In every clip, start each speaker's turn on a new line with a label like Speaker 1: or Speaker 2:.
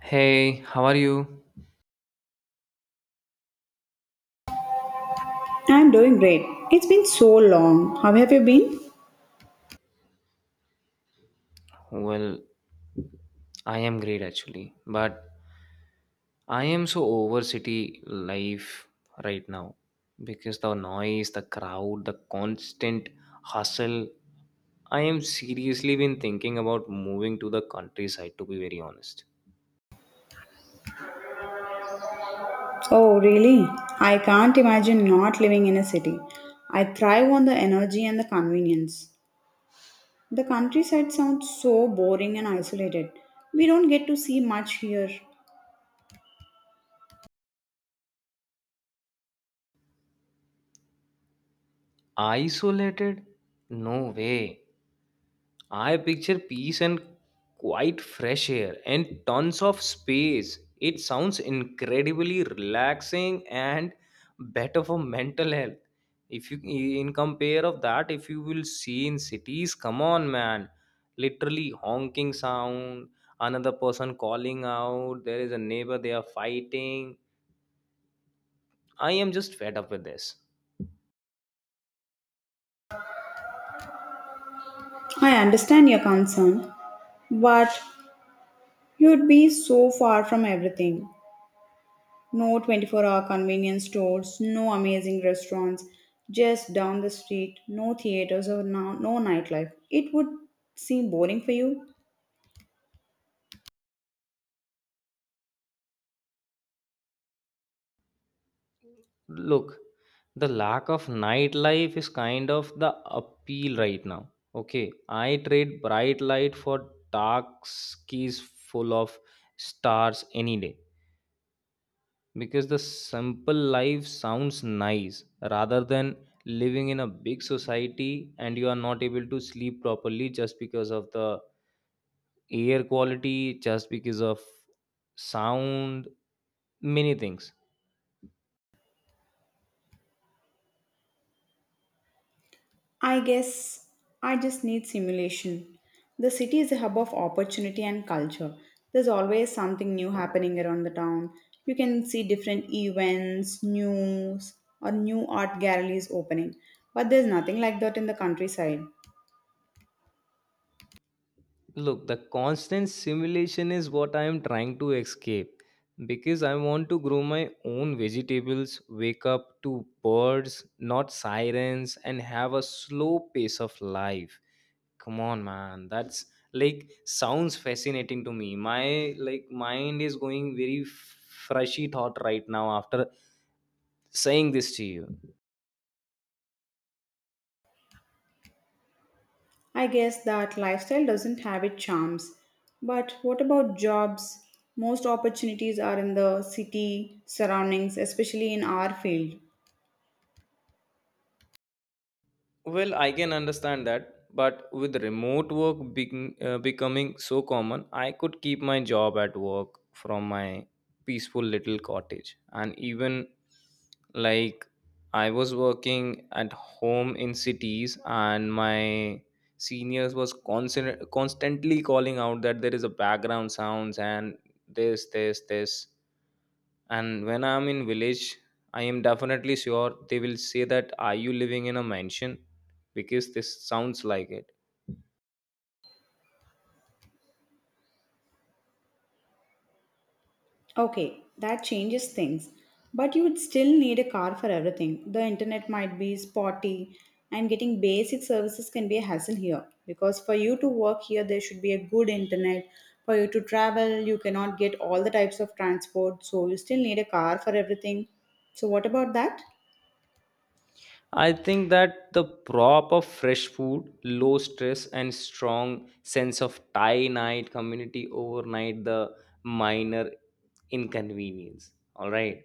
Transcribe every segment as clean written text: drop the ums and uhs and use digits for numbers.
Speaker 1: Hey, how are you?
Speaker 2: I'm doing great. It's been so long. How have you been?
Speaker 1: Well, I am great actually, but I am so over city life right now because the noise, the crowd, the constant hustle. I am seriously been thinking about moving to the countryside to be very honest.
Speaker 2: Oh, really? I can't imagine not living in a city. I thrive on the energy and the convenience. The countryside sounds so boring and isolated. We don't get to see much here.
Speaker 1: Isolated? No way. I picture peace and quite fresh air and tons of space. It sounds incredibly relaxing and better for mental health. If you in compare of that, if you will see in cities, come on man, literally honking sound, another person calling out, there is a neighbor they are fighting. I am just fed up with this.
Speaker 2: I understand your concern, but you'd be so far from everything. No 24-hour hour convenience stores, no amazing restaurants, just down the street, no theaters or no nightlife. It would seem boring for you.
Speaker 1: Look, the lack of nightlife is kind of the appeal right now. Okay, I trade bright light for dark skies full of stars any day because the simple life sounds nice rather than living in a big society and you are not able to sleep properly just because of the air quality, just because of sound, many things.
Speaker 2: I guess I just need simulation. The city is a hub of opportunity and culture. There's always something new happening around the town. You can see different events, news, or new art galleries opening. But there's nothing like that in the countryside.
Speaker 1: Look, the constant simulation is what I am trying to escape because I want to grow my own vegetables, wake up to birds, not sirens, and have a slow pace of life. Come on, man. That's like sounds fascinating to me. My like mind is going very freshy thought right now after saying this to you.
Speaker 2: I guess that lifestyle doesn't have its charms. But what about jobs? Most opportunities are in the city surroundings, especially in our field.
Speaker 1: Well, I can understand that, but with remote work being, becoming so common, I could keep my job at work from my peaceful little cottage. And even like I was working at home in cities, and my seniors was constantly calling out that there is a background sounds and this and when I'm in village I am definitely sure they will say that are you living in a mansion because this sounds like it.
Speaker 2: Okay, that changes things. But you would still need a car for everything. The internet might be spotty, and getting basic services can be a hassle here. Because for you to work here, there should be a good internet. For you to travel, you cannot get all the types of transport, so you still need a car for everything. So, what about that?
Speaker 1: I think that the prop of fresh food, low stress and strong sense of tie night community overnight the minor inconvenience, all right,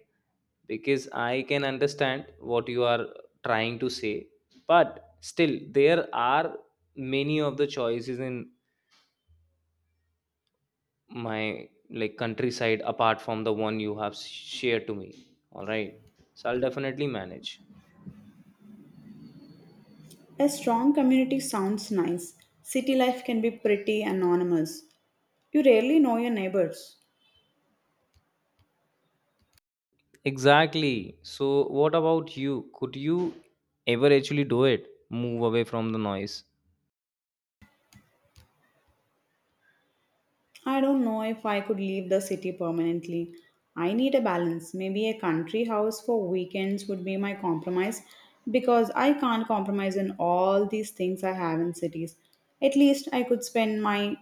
Speaker 1: because I can understand what you are trying to say, but still there are many of the choices in my like countryside apart from the one you have shared to me. All right, so I'll definitely manage.
Speaker 2: A strong community sounds nice. City life can be pretty anonymous. You rarely know your neighbors.
Speaker 1: Exactly, so what about you? Could you ever actually do it, move away from the noise?
Speaker 2: I don't know if I could leave the city permanently. I need a balance. Maybe a country house for weekends would be my compromise because I can't compromise in all these things I have in cities. At least I could spend my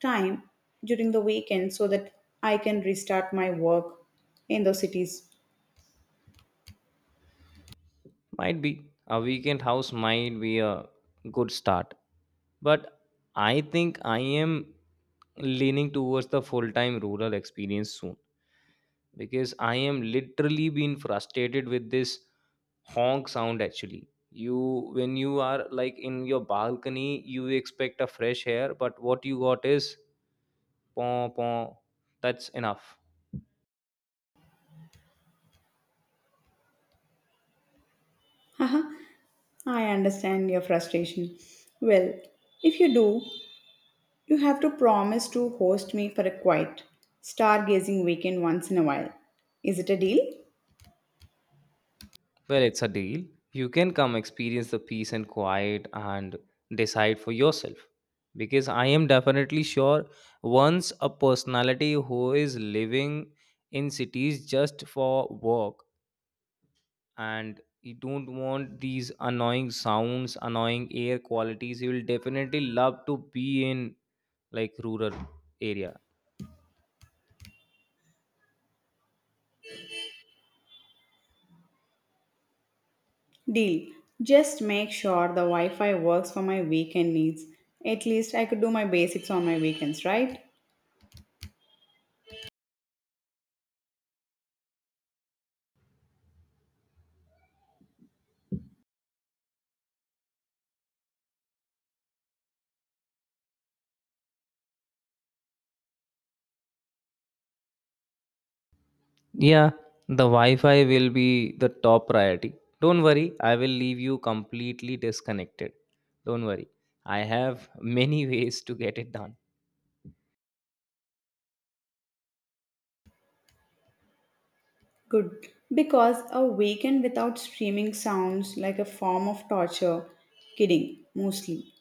Speaker 2: time during the weekend so that I can restart my work in those cities.
Speaker 1: Might be a weekend house might be a good start, but I think I am leaning towards the full time rural experience soon because I am literally being frustrated with this honk sound actually. You when you are like in your balcony, you expect a fresh air, but what you got is paw paw. That's enough.
Speaker 2: Haha, I understand your frustration. Well, if you do, you have to promise to host me for a quiet, stargazing weekend once in a while. Is it a deal?
Speaker 1: Well, it's a deal. You can come experience the peace and quiet and decide for yourself. Because I am definitely sure once a personality who is living in cities just for work and you don't want these annoying sounds annoying air qualities you will definitely love to be in like rural area.
Speaker 2: Deal. Just make sure the Wi Fi works for my weekend needs. At least I could do my basics on my weekends, right?
Speaker 1: Yeah, the wi-fi will be the top priority. Don't worry, I will leave you completely disconnected. Don't worry, I have many ways to get it done.
Speaker 2: Good. Because a weekend without streaming sounds like a form of torture. Kidding, mostly.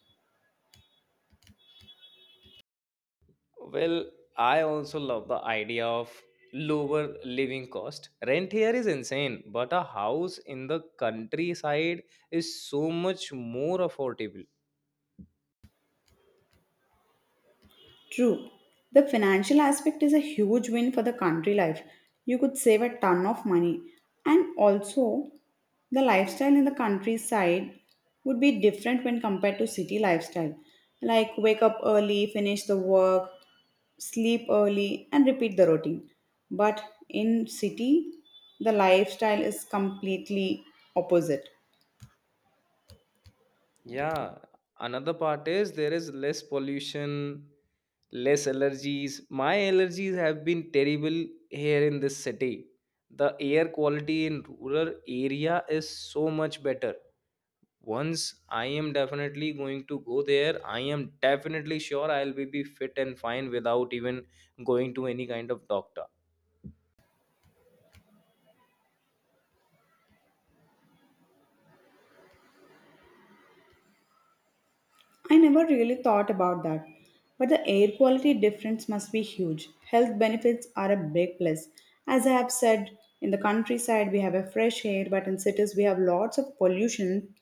Speaker 1: Well, I also love the idea of lower living cost. Rent here is insane, but a house in the countryside is so much more affordable.
Speaker 2: True. The financial aspect is a huge win for the country life. You could save a ton of money. And also, the lifestyle in the countryside would be different when compared to city lifestyle. Like wake up early, finish the work, sleep early and repeat the routine. But in city, the lifestyle is completely opposite.
Speaker 1: Yeah, another part is there is less pollution, less allergies. My allergies have been terrible here in this city. The air quality in rural area is so much better. Once I am definitely going to go there, I am definitely sure I'll be fit and fine without even going to any kind of doctor.
Speaker 2: I never really thought about that. But the air quality difference must be huge. Health benefits are a big plus. As I have said, in the countryside we have a fresh air, but in cities we have lots of pollution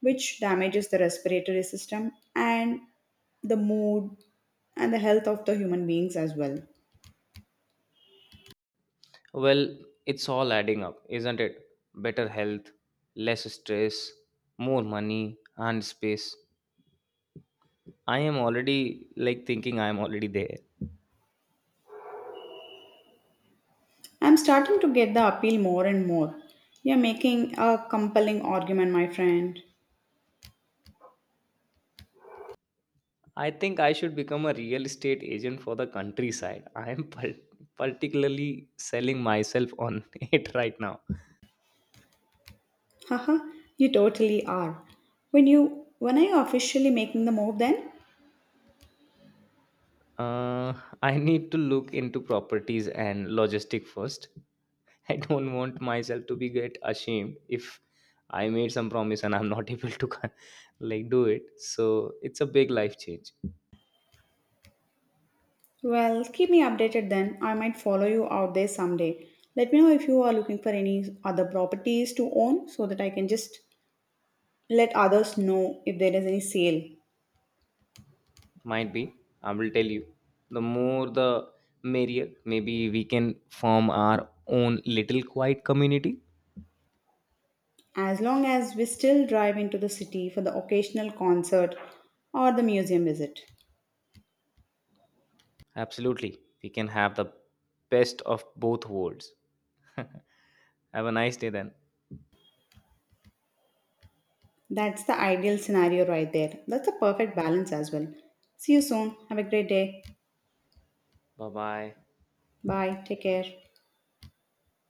Speaker 2: which damages the respiratory system and the mood and the health of the human beings as well.
Speaker 1: Well, it's all adding up, isn't it? Better health, less stress, more money and space. I am already like thinking I am already there.
Speaker 2: I'm starting to get the appeal more and more. You're making a compelling argument, my friend.
Speaker 1: I think I should become a real estate agent for the countryside. I am particularly selling myself on it right now.
Speaker 2: Haha, you totally are. When are you officially making the move then?
Speaker 1: Uh, I need to look into properties and logistic first. I don't want myself to be get ashamed if I made some promise and I'm not able to do it. So it's a big life change.
Speaker 2: Well, keep me updated then. I might follow you out there someday. Let me know if you are looking for any other properties to own so that I can just let others know if there is any sale.
Speaker 1: Might be. I will tell you. The more the merrier. Maybe we can form our own little quiet community.
Speaker 2: As long as we still drive into the city for the occasional concert or the museum visit.
Speaker 1: Absolutely. We can have the best of both worlds. Have a nice day then.
Speaker 2: That's the ideal scenario right there. That's a perfect balance as well. See you soon. Have a great day.
Speaker 1: Bye bye.
Speaker 2: Bye. Take care.